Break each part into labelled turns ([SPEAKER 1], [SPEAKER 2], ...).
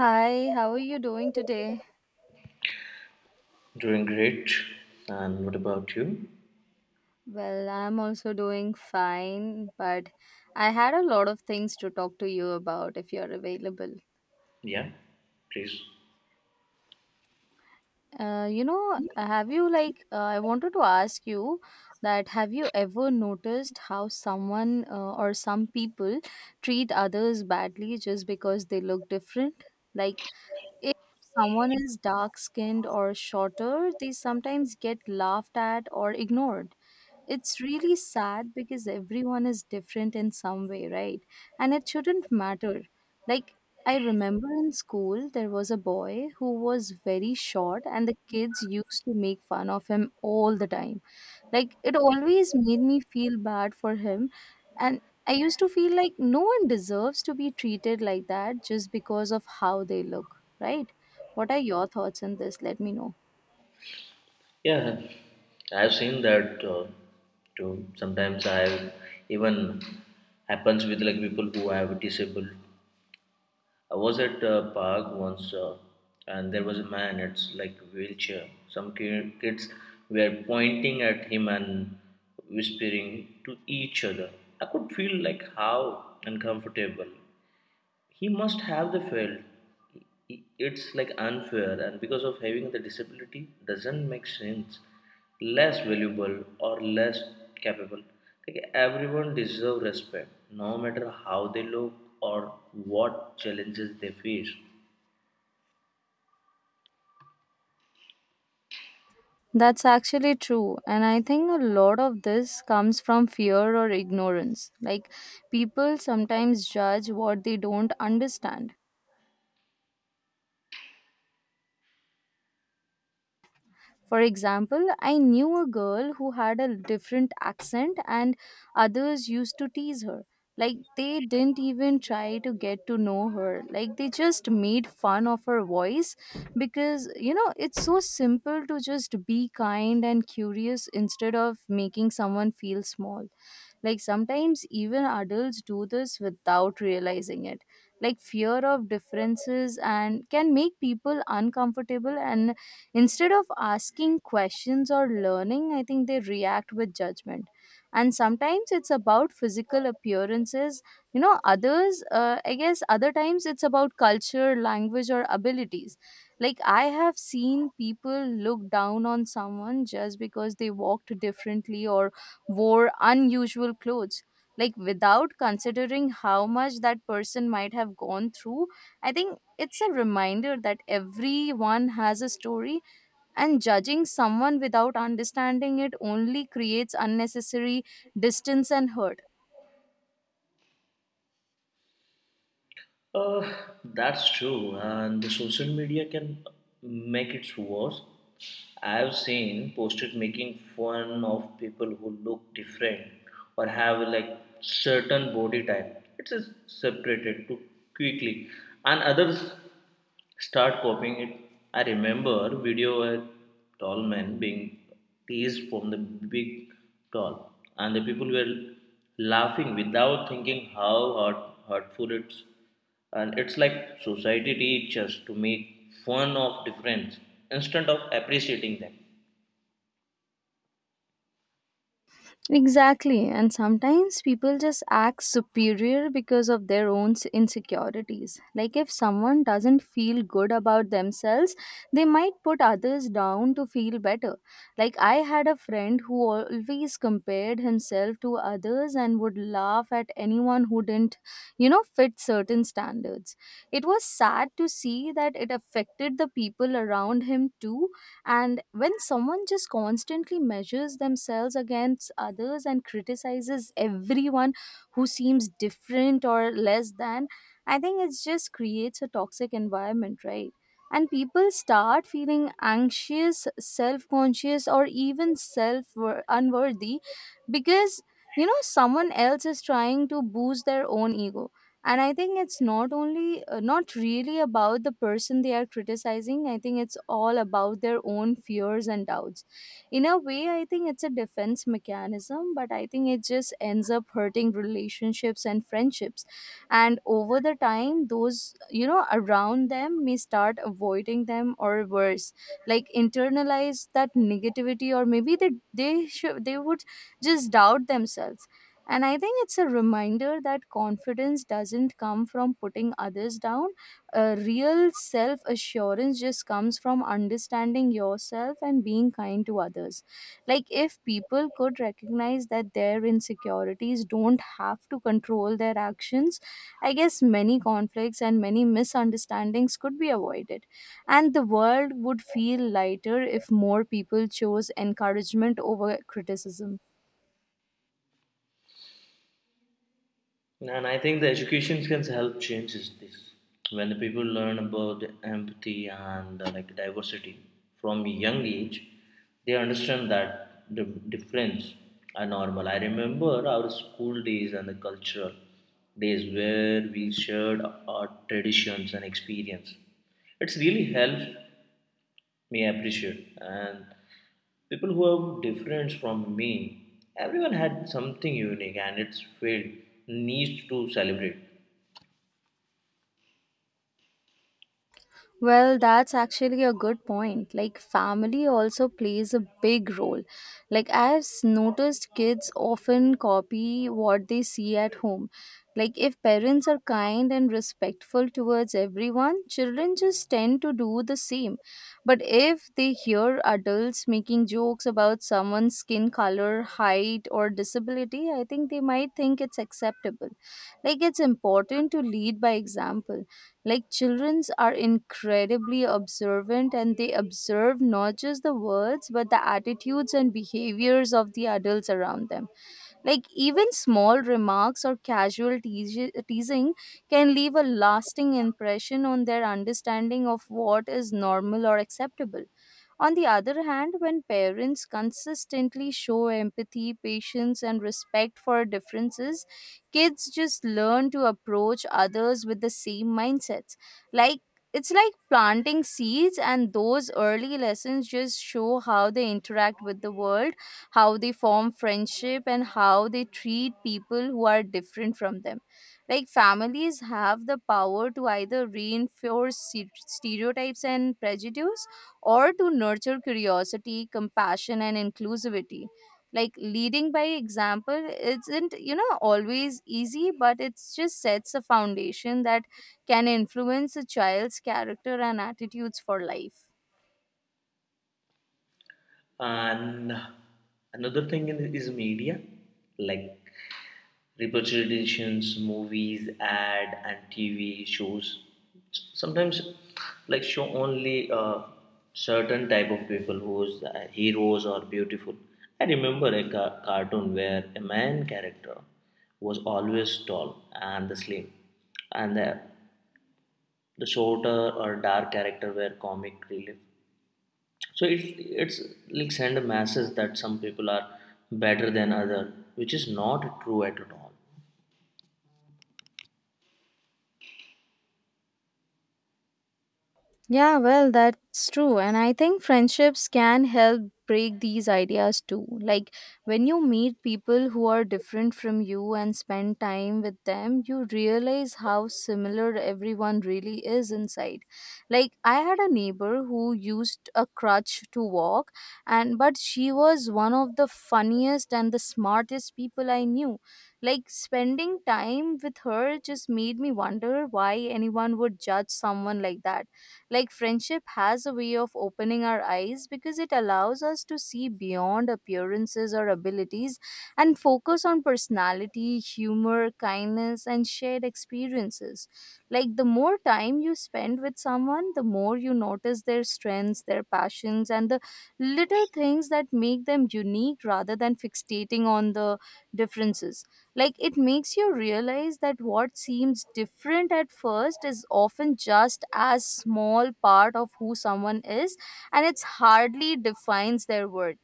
[SPEAKER 1] Hi, how are you doing today?
[SPEAKER 2] Doing great. And what about you?
[SPEAKER 1] Well, I'm also doing fine, but I had a lot of things to talk to you about if you're available.
[SPEAKER 2] Yeah, please.
[SPEAKER 1] You know, have you like I wanted to ask you that have you ever noticed how someone or some people treat others badly just because they look different? Like, if someone is dark-skinned or shorter, they sometimes get laughed at or ignored. It's really sad because everyone is different in some way, right? And it shouldn't matter. Like, I remember in school, there was a boy who was very short, and the kids used to make fun of him all the time. Like, it always made me feel bad for him. And I used to feel like no one deserves to be treated like that just because of how they look, right? What are your thoughts on this? Let me know.
[SPEAKER 2] Yeah, I've seen that too. Sometimes I even happens with like people who have disabled. I was at a park once, and there was a man. It's like wheelchair. Some kids were pointing at him and whispering to each other. I could feel like how uncomfortable he must have the field. It's like unfair, and because of having the disability, doesn't make sense less valuable or less capable. Like everyone deserves respect, no matter how they look or what challenges they face.
[SPEAKER 1] That's actually true. And I think a lot of this comes from fear or ignorance. Like, people sometimes judge what they don't understand. For example, I knew a girl who had a different accent, and others used to tease her. Like, they didn't even try to get to know her. Like, they just made fun of her voice because, it's so simple to just be kind and curious instead of making someone feel small. Like, sometimes even adults do this without realizing it. Like, fear of differences and can make people uncomfortable, and instead of asking questions or learning, I think they react with judgment. And sometimes it's about physical appearances. I guess, other times it's about culture, language, or abilities. Like, I have seen people look down on someone just because they walked differently or wore unusual clothes. Like, without considering how much that person might have gone through, I think it's a reminder that everyone has a story and judging someone without understanding it only creates unnecessary distance and hurt.
[SPEAKER 2] Uh, that's true, and the social media can make it worse. I've seen posted making fun of people who look different or have like certain body type. It is separated too quickly, and others start copying it. I remember video where tall men being teased from the big tall, and the people were laughing without thinking how hurtful it's, and it's like society teaches to make fun of difference instead of appreciating them.
[SPEAKER 1] Exactly, and sometimes people just act superior because of their own insecurities. Like, if someone doesn't feel good about themselves, they might put others down to feel better. Like, I had a friend who always compared himself to others and would laugh at anyone who didn't, fit certain standards. It was sad to see that it affected the people around him too. And when someone just constantly measures themselves against others and criticizes everyone who seems different or less than, I think it just creates a toxic environment, right? And people start feeling anxious, self conscious, or even self unworthy because someone else is trying to boost their own ego. And I think it's not only, not really about the person they are criticizing. I think it's all about their own fears and doubts. In a way, I think it's a defense mechanism, but I think it just ends up hurting relationships and friendships. And over the time, those around them may start avoiding them, or worse, like internalize that negativity, or maybe they would just doubt themselves. And I think it's a reminder that confidence doesn't come from putting others down. A real self assurance just comes from understanding yourself and being kind to others. Like, if people could recognize that their insecurities don't have to control their actions, I guess many conflicts and many misunderstandings could be avoided. And the world would feel lighter if more people chose encouragement over criticism.
[SPEAKER 2] And I think the education can help change is this. When the people learn about empathy and like diversity from a young age, they understand that the difference are normal. I remember our school days and the cultural days where we shared our traditions and experience. It's really helped me appreciate and people who are different from me. Everyone had something unique and its field needs to celebrate.
[SPEAKER 1] Well, that's actually a good point. Like, family also plays a big role. Like, I've noticed kids often copy what they see at home. Like, if parents are kind and respectful towards everyone, children just tend to do the same. But if they hear adults making jokes about someone's skin color, height, or disability, I think they might think it's acceptable. Like, it's important to lead by example. Like, childrens are incredibly observant, and they observe not just the words but the attitudes and behaviors of the adults around them. Like, even small remarks or casual teasing can leave a lasting impression on their understanding of what is normal or acceptable. On the other hand, when parents consistently show empathy, patience, and respect for differences, kids just learn to approach others with the same mindsets. Like, it's like planting seeds, and those early lessons just show how they interact with the world, how they form friendship, and how they treat people who are different from them. Like, families have the power to either reinforce stereotypes and prejudice, or to nurture curiosity, compassion, and inclusivity. Like, leading by example isn't, always easy, but it just sets a foundation that can influence a child's character and attitudes for life.
[SPEAKER 2] And another thing is media, like representations, movies, ad, and TV shows. Sometimes, like show only certain type of people who's heroes or beautiful. I remember a cartoon where a man character was always tall and the slim, and the shorter or dark character were comic relief, so it's like send a message that some people are better than other, which is not true at all.
[SPEAKER 1] Yeah, well, that's true. And I think friendships can help break these ideas too. Like, when you meet people who are different from you and spend time with them, you realize how similar everyone really is inside. Like, I had a neighbor who used a crutch to walk, and but she was one of the funniest and the smartest people I knew. Like, spending time with her just made me wonder why anyone would judge someone like that. Like, friendship has a way of opening our eyes, because it allows us to see beyond appearances or abilities and focus on personality, humor, kindness, and shared experiences. Like, the more time you spend with someone, the more you notice their strengths, their passions, and the little things that make them unique rather than fixating on the differences. Like, it makes you realize that what seems different at first is often just as small part of who someone is, and it's hardly defines their worth.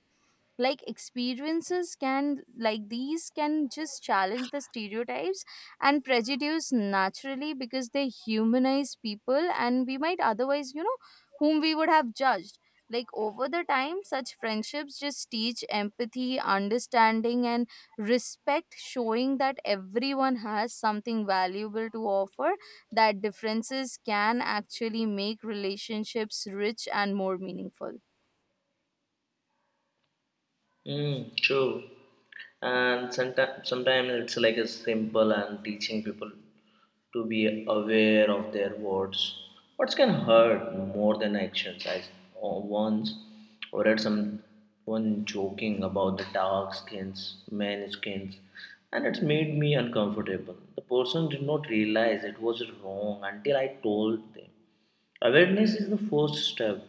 [SPEAKER 1] Like, experiences can like these can just challenge the stereotypes and prejudice naturally, because they humanize people and we might otherwise, whom we would have judged. Like, over the time, such friendships just teach empathy, understanding, and respect, showing that everyone has something valuable to offer, that differences can actually make relationships rich and more meaningful.
[SPEAKER 2] Mm, true. And sometimes it's like a simple and teaching people to be aware of their words. Words can hurt more than actions. I once read someone joking about the dark skins, men skins, and it made me uncomfortable. The person did not realize it was wrong until I told them. Awareness is the first step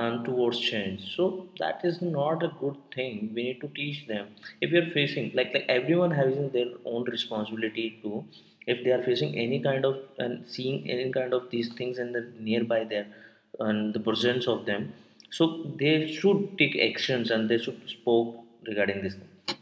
[SPEAKER 2] and towards change, so that is not a good thing. We need to teach them. If we are facing, like everyone having their own responsibility to, if they are facing any kind of and seeing any kind of these things in the nearby there and the presence of them, so they should take actions and they should spoke regarding this thing.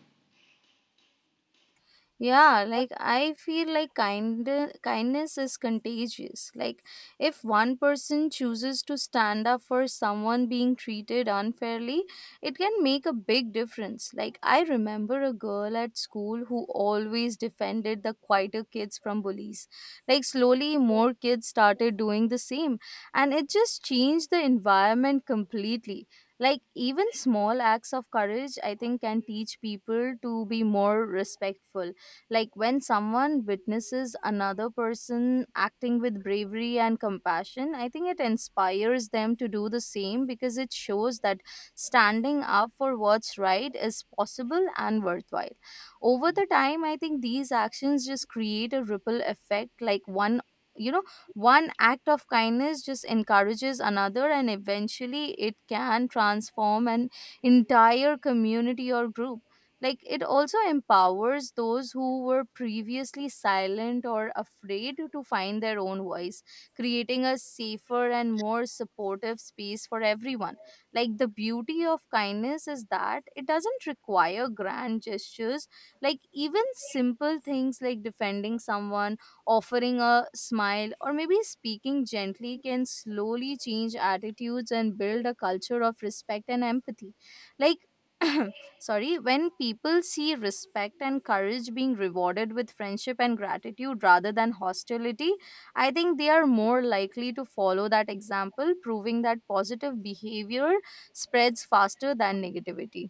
[SPEAKER 1] Yeah, like I feel like kindness is contagious. Like, if one person chooses to stand up for someone being treated unfairly, it can make a big difference. Like, I remember a girl at school who always defended the quieter kids from bullies. Like, slowly more kids started doing the same, and it just changed the environment completely. Like, even small acts of courage I think can teach people to be more respectful. Like, when someone witnesses another person acting with bravery and compassion, I think it inspires them to do the same, because it shows that standing up for what's right is possible and worthwhile. Over the time, I think these actions just create a ripple effect, like one you know one act of kindness just encourages another, and eventually it can transform an entire community or group. Like, it also empowers those who were previously silent or afraid to find their own voice, creating a safer and more supportive space for everyone. Like, the beauty of kindness is that it doesn't require grand gestures. Like, even simple things like defending someone, offering a smile, or maybe speaking gently can slowly change attitudes and build a culture of respect and empathy. Like sorry, when people see respect and courage being rewarded with friendship and gratitude rather than hostility, I think they are more likely to follow that example, proving that positive behavior spreads faster than negativity.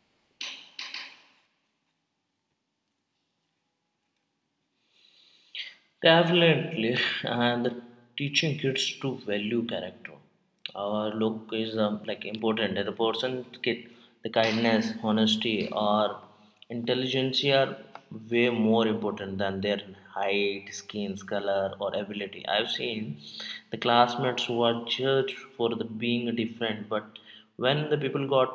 [SPEAKER 2] Definitely, and teaching kids to value character. Our look is like important. The person, kid, the kindness, honesty, or intelligence are way more important than their height, skin color, or ability. I've seen the classmates who are judged for the being different, but when the people got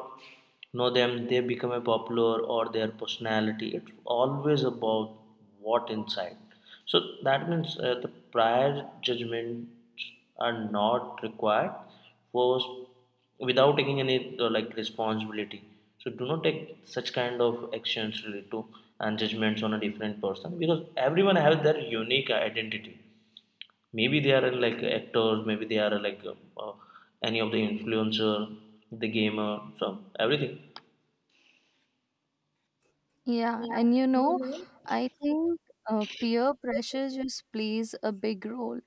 [SPEAKER 2] know them, they become a popular or their personality. It's always about what inside. So that means the prior judgments are not required forced without taking any like responsibility. So do not take such kind of actions related to and judgments on a different person, because everyone has their unique identity. Maybe they are like actors, maybe they are like any of the influencer, the gamer, so everything.
[SPEAKER 1] Yeah, and I think peer pressure just plays a big role.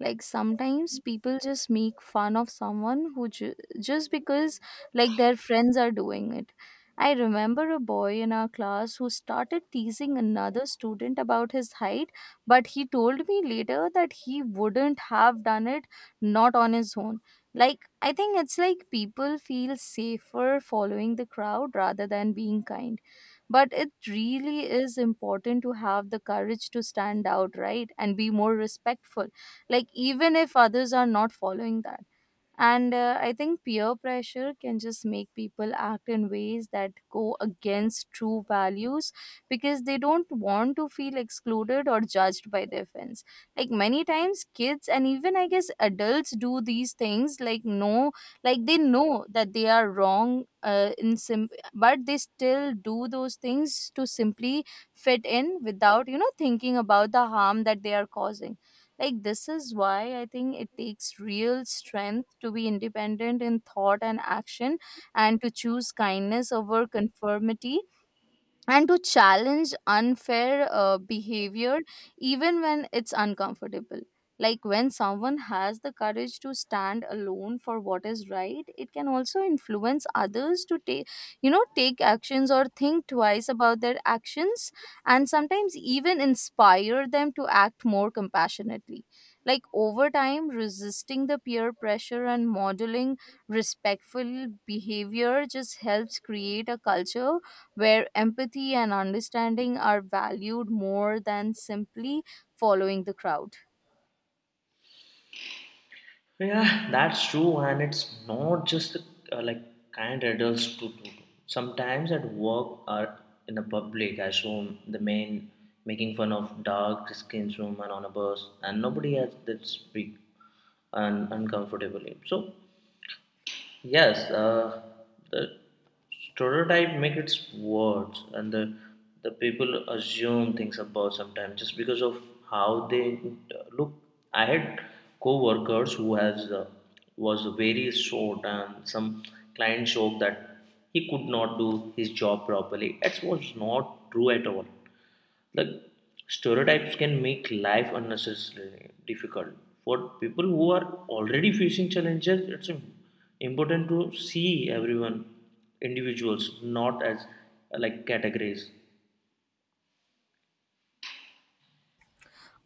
[SPEAKER 1] Like, sometimes people just make fun of someone who just because like their friends are doing it. I remember a boy in our class who started teasing another student about his height, but he told me later that he wouldn't have done it, not on his own. Like, I think it's like people feel safer following the crowd rather than being kind, but it really is important to have the courage to stand out, right, and be more respectful, like, even if others are not following that. And I think peer pressure can just make people act in ways that go against true values, because they don't want to feel excluded or judged by their friends. Like, many times, kids and even, I guess, adults do these things, like, no, like they know that they are wrong. But they still do those things to simply fit in without thinking about the harm that they are causing. Like, this is why I think it takes real strength to be independent in thought and action, and to choose kindness over conformity, and to challenge unfair behavior even when it's uncomfortable. Like when someone has the courage to stand alone for what is right, it can also influence others to take, take actions or think twice about their actions, and sometimes even inspire them to act more compassionately. Like over time, resisting the peer pressure and modeling respectful behavior just helps create a culture where empathy and understanding are valued more than simply following the crowd.
[SPEAKER 2] Yeah, that's true, and it's not just like kind adults to do. Sometimes at work or in the public, I saw the men making fun of dark skinned women on a bus, and nobody has that speak and uncomfortably. So yes, the stereotype make its words, and the people assume things about sometimes just because of how they look. I had co-workers who has was very short, and some clients joked that he could not do his job properly. That was not true at all. Like stereotypes can make life unnecessarily difficult for people who are already facing challenges. It's important to see everyone individuals, not as like categories.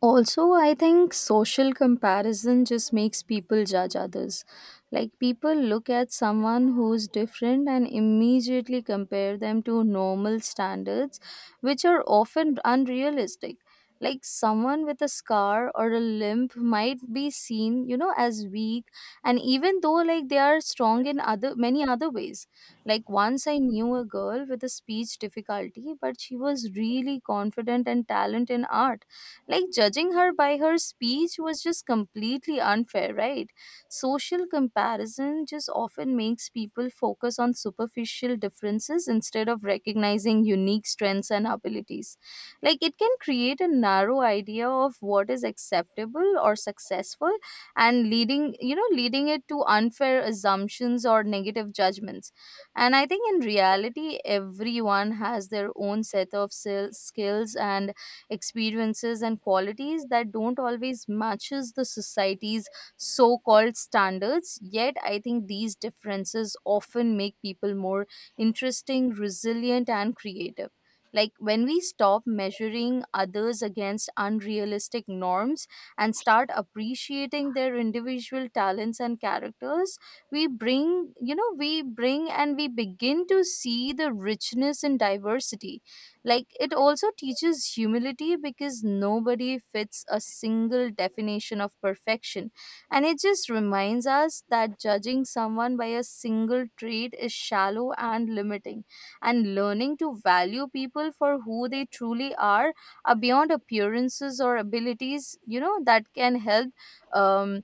[SPEAKER 1] Also, I think social comparison just makes people judge others. Like, people look at someone who's different and immediately compare them to normal standards, which are often unrealistic. Like, someone with a scar or a limp might be seen, as weak, and even though, they are strong in other many other ways. Like, once I knew a girl with a speech difficulty, but she was really confident and talented in art. Like judging her by her speech was just completely unfair, right? Social comparison just often makes people focus on superficial differences instead of recognizing unique strengths and abilities. Like it can create a narrow idea of what is acceptable or successful, and leading, leading it to unfair assumptions or negative judgments. And I think in reality, everyone has their own set of skills and experiences and qualities that don't always matches the society's so-called standards. Yet I think these differences often make people more interesting, resilient, and creative. Like when we stop measuring others against unrealistic norms and start appreciating their individual talents and characters, we bring you know we bring and we begin to see the richness in diversity. Like it also teaches humility because nobody fits a single definition of perfection. And it just reminds us that judging someone by a single trait is shallow and limiting. And learning to value people for who they truly are beyond appearances or abilities, that can help um,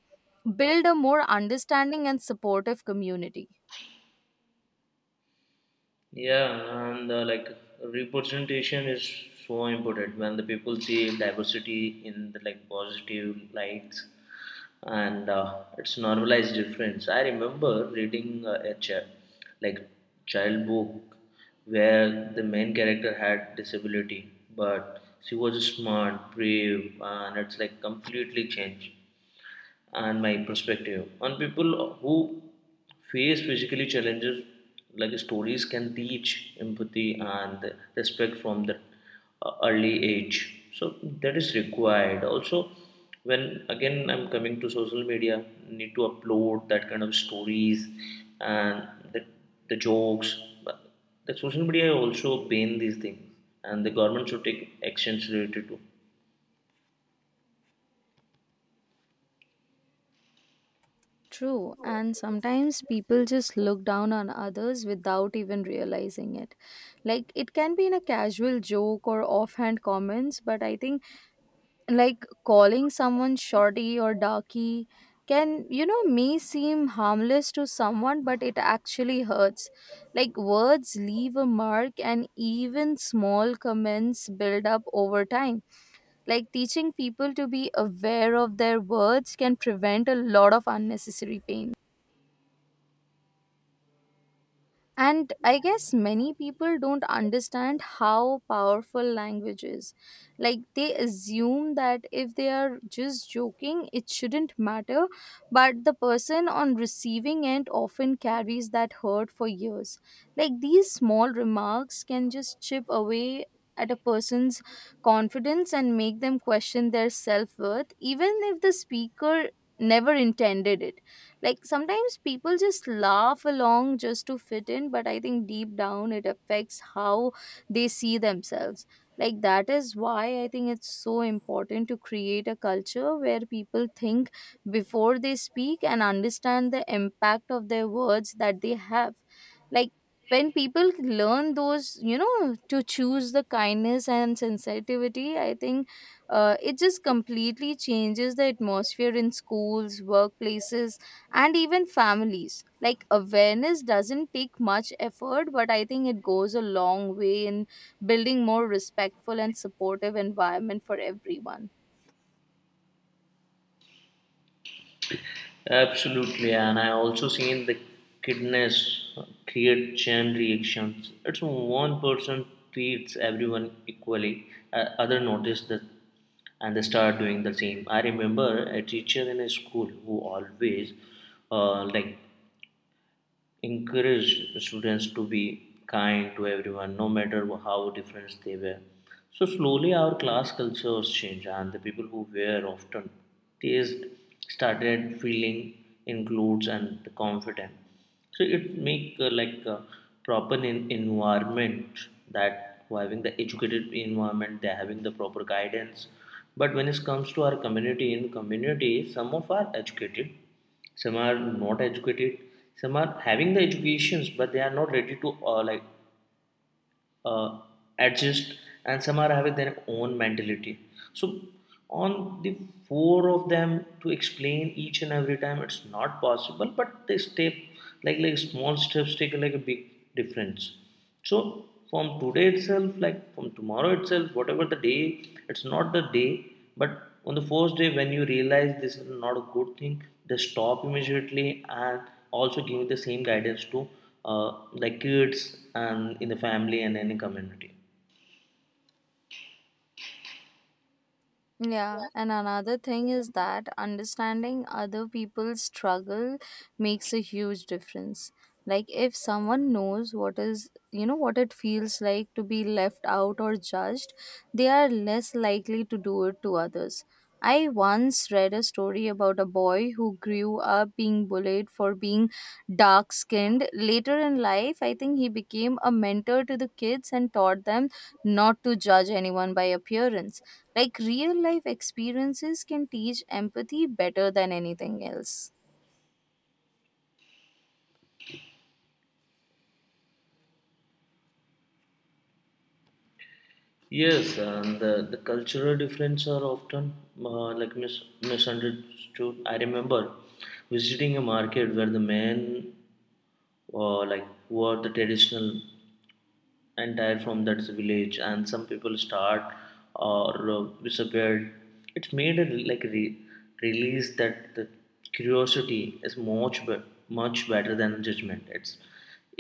[SPEAKER 1] build a more understanding and supportive community.
[SPEAKER 2] Yeah, and like representation is so important when the people see diversity in the like positive lights, and it's normalized difference. I remember reading a like child book where the main character had disability, but she was smart, brave, and it's like completely changed and my perspective on people who face physically challenges. Like stories can teach empathy and respect from the early age, so that is required also. When again I'm coming to social media, need to upload that kind of stories and the, the jokes. But the social media also ban these things, and the government should take actions related to.
[SPEAKER 1] True, and sometimes people just look down on others without even realizing it. Like, it can be in a casual joke or offhand comments, but I think, like, calling someone shorty or darky can, may seem harmless to someone, but it actually hurts. Like, words leave a mark, and even small comments build up over time. Like, teaching people to be aware of their words can prevent a lot of unnecessary pain. And I guess many people don't understand how powerful language is. Like, they assume that if they are just joking, it shouldn't matter. But the person on receiving end often carries that hurt for years. Like, these small remarks can just chip away at a person's confidence and make them question their self worth, even if the speaker never intended it. Like sometimes people just laugh along just to fit in, but I think deep down it affects how they see themselves. Like that is why I think it's so important to create a culture where people think before they speak and understand the impact of their words that they have. Like when people learn those, to choose the kindness and sensitivity, I think it just completely changes the atmosphere in schools, workplaces, and even families. Like awareness doesn't take much effort, but I think it goes a long way in building more respectful and supportive environment for everyone.
[SPEAKER 2] Absolutely, and I also seen the kindness create chain reactions. It's one person treats everyone equally, other notice that, and they start doing the same. I remember a teacher in a school who always like encouraged students to be kind to everyone, no matter how different they were. So slowly our class cultures changed, and the people who were often teased started feeling included and confident. So it make like a proper environment, that who having the educated environment, they're having the proper guidance. But when it comes to our community, in community, some of are educated, some are not educated, some are having the educations but they are not ready to uh, adjust, and some are having their own mentality. So on the four of them to explain each and every time, it's not possible, but they step, like small steps take like a big difference. So from today itself, like from tomorrow itself, whatever the day, it's not the day, but on the first day when you realize this is not a good thing, just stop immediately, and also give the same guidance to the kids and in the family and any community.
[SPEAKER 1] Yeah, and another thing is that understanding other people's struggle makes a huge difference. Like if someone knows what is, what it feels like to be left out or judged, they are less likely to do it to others. I once read a story about a boy who grew up being bullied for being dark skinned. Later in life, I think he became a mentor to the kids and taught them not to judge anyone by appearance. Like real life experiences can teach empathy better than anything else.
[SPEAKER 2] Yes, and the cultural differences are often uh, like misunderstood. I remember visiting a market where the men like wore the traditional entire from that village, and some people start or disappeared. It's made a release that the curiosity is much much better than judgment. It's,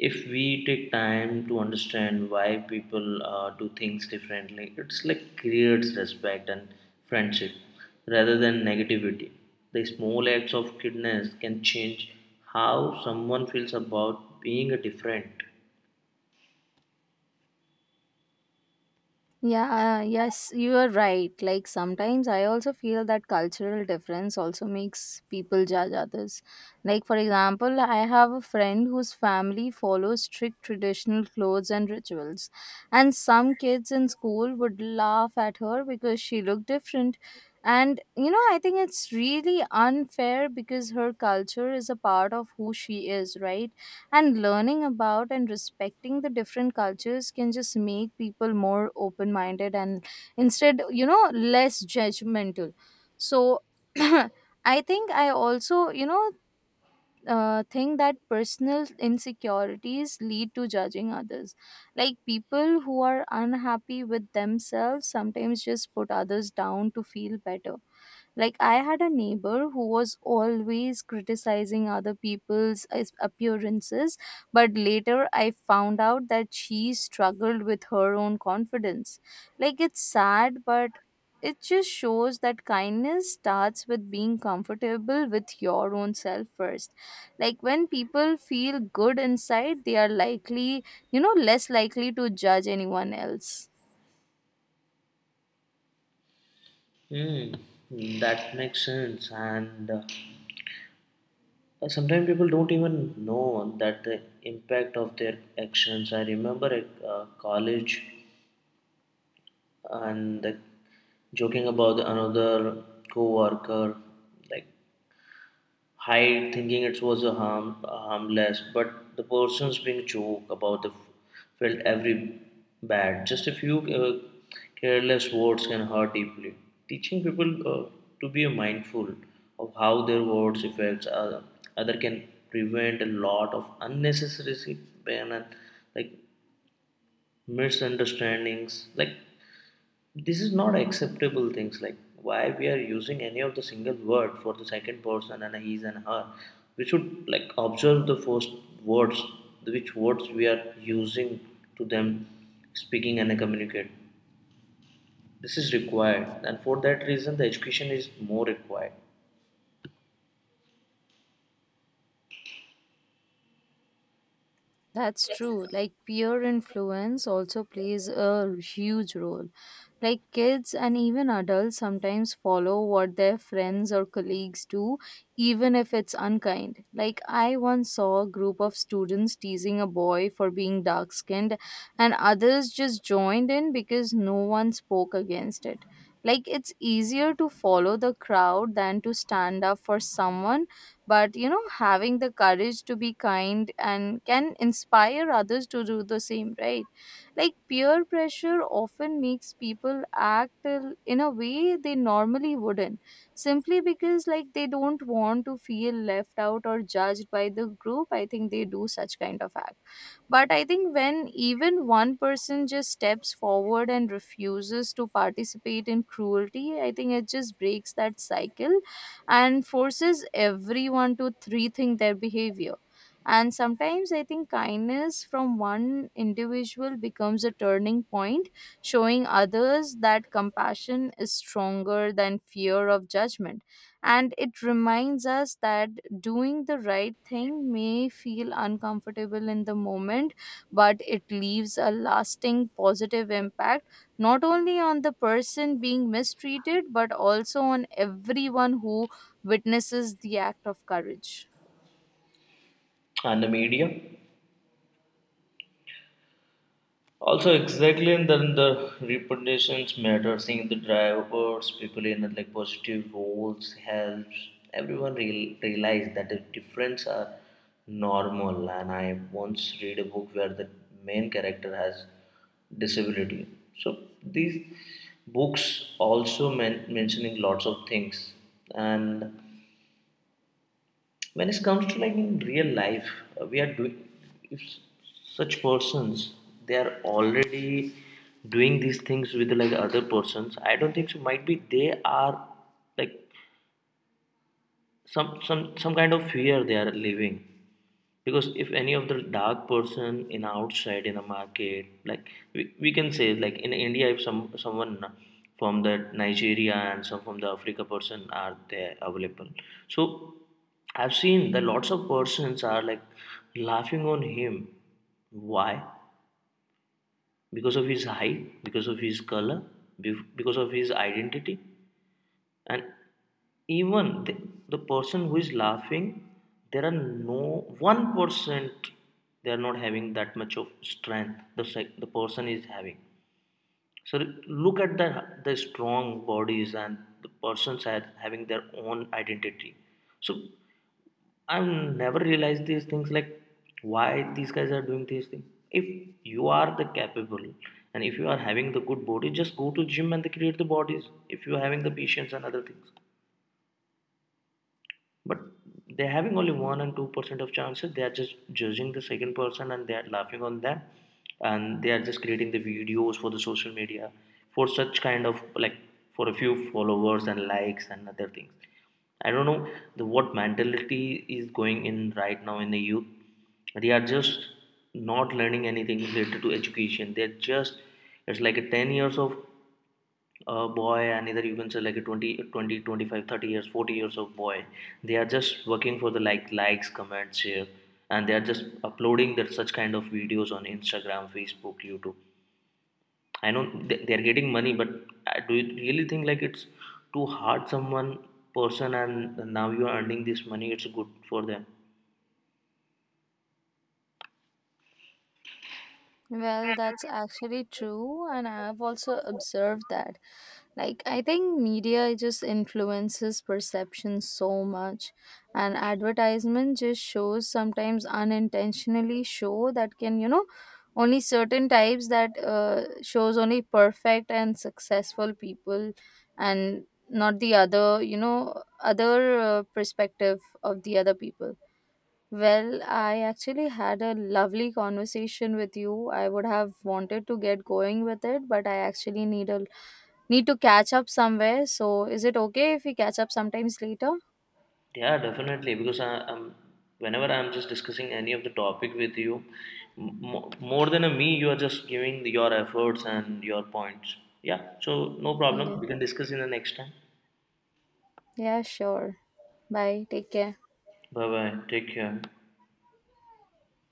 [SPEAKER 2] if we take time to understand why people do things differently, it's like creates respect and friendship rather than negativity. The small acts of kindness can change how someone feels about being a different.
[SPEAKER 1] Yeah, yes, you are right. Like sometimes I also feel that cultural difference also makes people judge others. Like, for example, I have a friend whose family follows strict traditional clothes and rituals, and some kids in school would laugh at her because she looked different. And you know, I think it's really unfair because her culture is a part of who she is, right? And learning about and respecting the different cultures can just make people more open minded, and instead, less judgmental. So I think I also, think that personal insecurities lead to judging others. Like people who are unhappy with themselves sometimes just put others down to feel better. Like, I had a neighbor who was always criticizing other appearances, but later I found out that she struggled with her own confidence. Like, it's sad, but it just shows that kindness starts with being comfortable with your own self first. Like, when people feel good inside, they are likely, less likely to judge anyone else.
[SPEAKER 2] Mm, that makes sense. And sometimes people don't even know that the impact of their actions. I remember at college and joking about another co-worker, like hide, thinking it was a harmless. But the person's being joke about the felt every bad. Just a few careless words can hurt deeply. Teaching people to be mindful of how their words affects other can prevent a lot of unnecessary pain and like misunderstandings. Like this is not acceptable things, like why we are using any of the single word for the second person and his and her. We should like observe the first words, which words we are using to them speaking and communicate. This is required, and for that reason the education is more required,
[SPEAKER 1] That's true. Like peer influence also plays a huge role. Like kids and even adults sometimes follow what their friends or colleagues do, even if it's unkind. Like I once saw a group of students teasing a boy for being dark skinned, and others just joined in because no one spoke against it. Like it's easier to follow the crowd than to stand up for someone, but you know, having the courage to be kind and can inspire others to do the same, right? Like peer pressure often makes people in a way they normally wouldn't, simply because like they don't want to feel left out or judged by the group. I think they do such kind of act. But I think when even one person just steps forward and refuses to participate in cruelty, I think it just breaks that cycle and forces everyone to rethink their behavior. And sometimes I think kindness from one individual becomes a turning point, showing others that compassion is stronger than fear of judgment. And it reminds us that doing the right thing may feel uncomfortable in the moment, but it leaves a lasting positive impact, not only on the person being mistreated, but also on everyone who witnesses the act of courage.
[SPEAKER 2] and the media. Also, exactly, and then the reputations matter. Seeing the drivers, people in like positive roles helps everyone realize that the difference are normal. And I once read a book where the main character has disability. So these books also mentioning lots of things, and when it comes to like in real life, we are doing. If such persons, they are already doing these things with like other persons, I don't think so. Might be they are like some kind of fear they are living, because if any of the dark person in outside in a market, like we can say, like in India, if someone from the Nigeria and some from the Africa person are there available, so I've seen that lots of persons are like laughing on him. Why? Because of his height, because of his color, because of his identity. And even the person who is laughing, there are no 1%, they are not having that much of strength the the person is having. So look at the strong bodies, and the persons are having their own identity. So I never realized these things, like why these guys are doing these things. If you are the capable and if you are having the good body, just go to gym and they create the bodies, if you are having the patience and other things. But they're having only 1 and 2% of chances, they are just judging the second person and they are laughing on them, and they are just creating the videos for the social media, for such kind of like, for a few followers and likes and other things. I don't know the what mentality is going in right now in the youth. They are just not learning anything related to education, they're just, it's like a 10 years of a boy, and either you can say like a twenty, 25, 30 years, 40 years of boy. They are just working for the likes, comments, share, and they are just uploading that such kind of videos on Instagram, Facebook, YouTube. I know they are getting money, but do you really think like it's too hard someone person and now you are earning this money? It's good for them.
[SPEAKER 1] Well, that's actually true, and I've also observed that. Like, I think media just influences perception so much, and advertisement just shows sometimes unintentionally show that can, only certain types, that shows only perfect and successful people and not the other, other perspective of the other people. Well, I actually had a lovely conversation with you. I would have wanted to get going with it, but I actually need to catch up somewhere. So, is it okay if we catch up sometimes later?
[SPEAKER 2] Yeah, definitely. Because whenever I'm just discussing any of the topic with you, more than a me, you are just giving your efforts and your points. Yeah, so no
[SPEAKER 1] Yeah.
[SPEAKER 2] problem. We can discuss in the next time.
[SPEAKER 1] Yeah, sure. Bye. Take care.
[SPEAKER 2] Bye bye. Take care.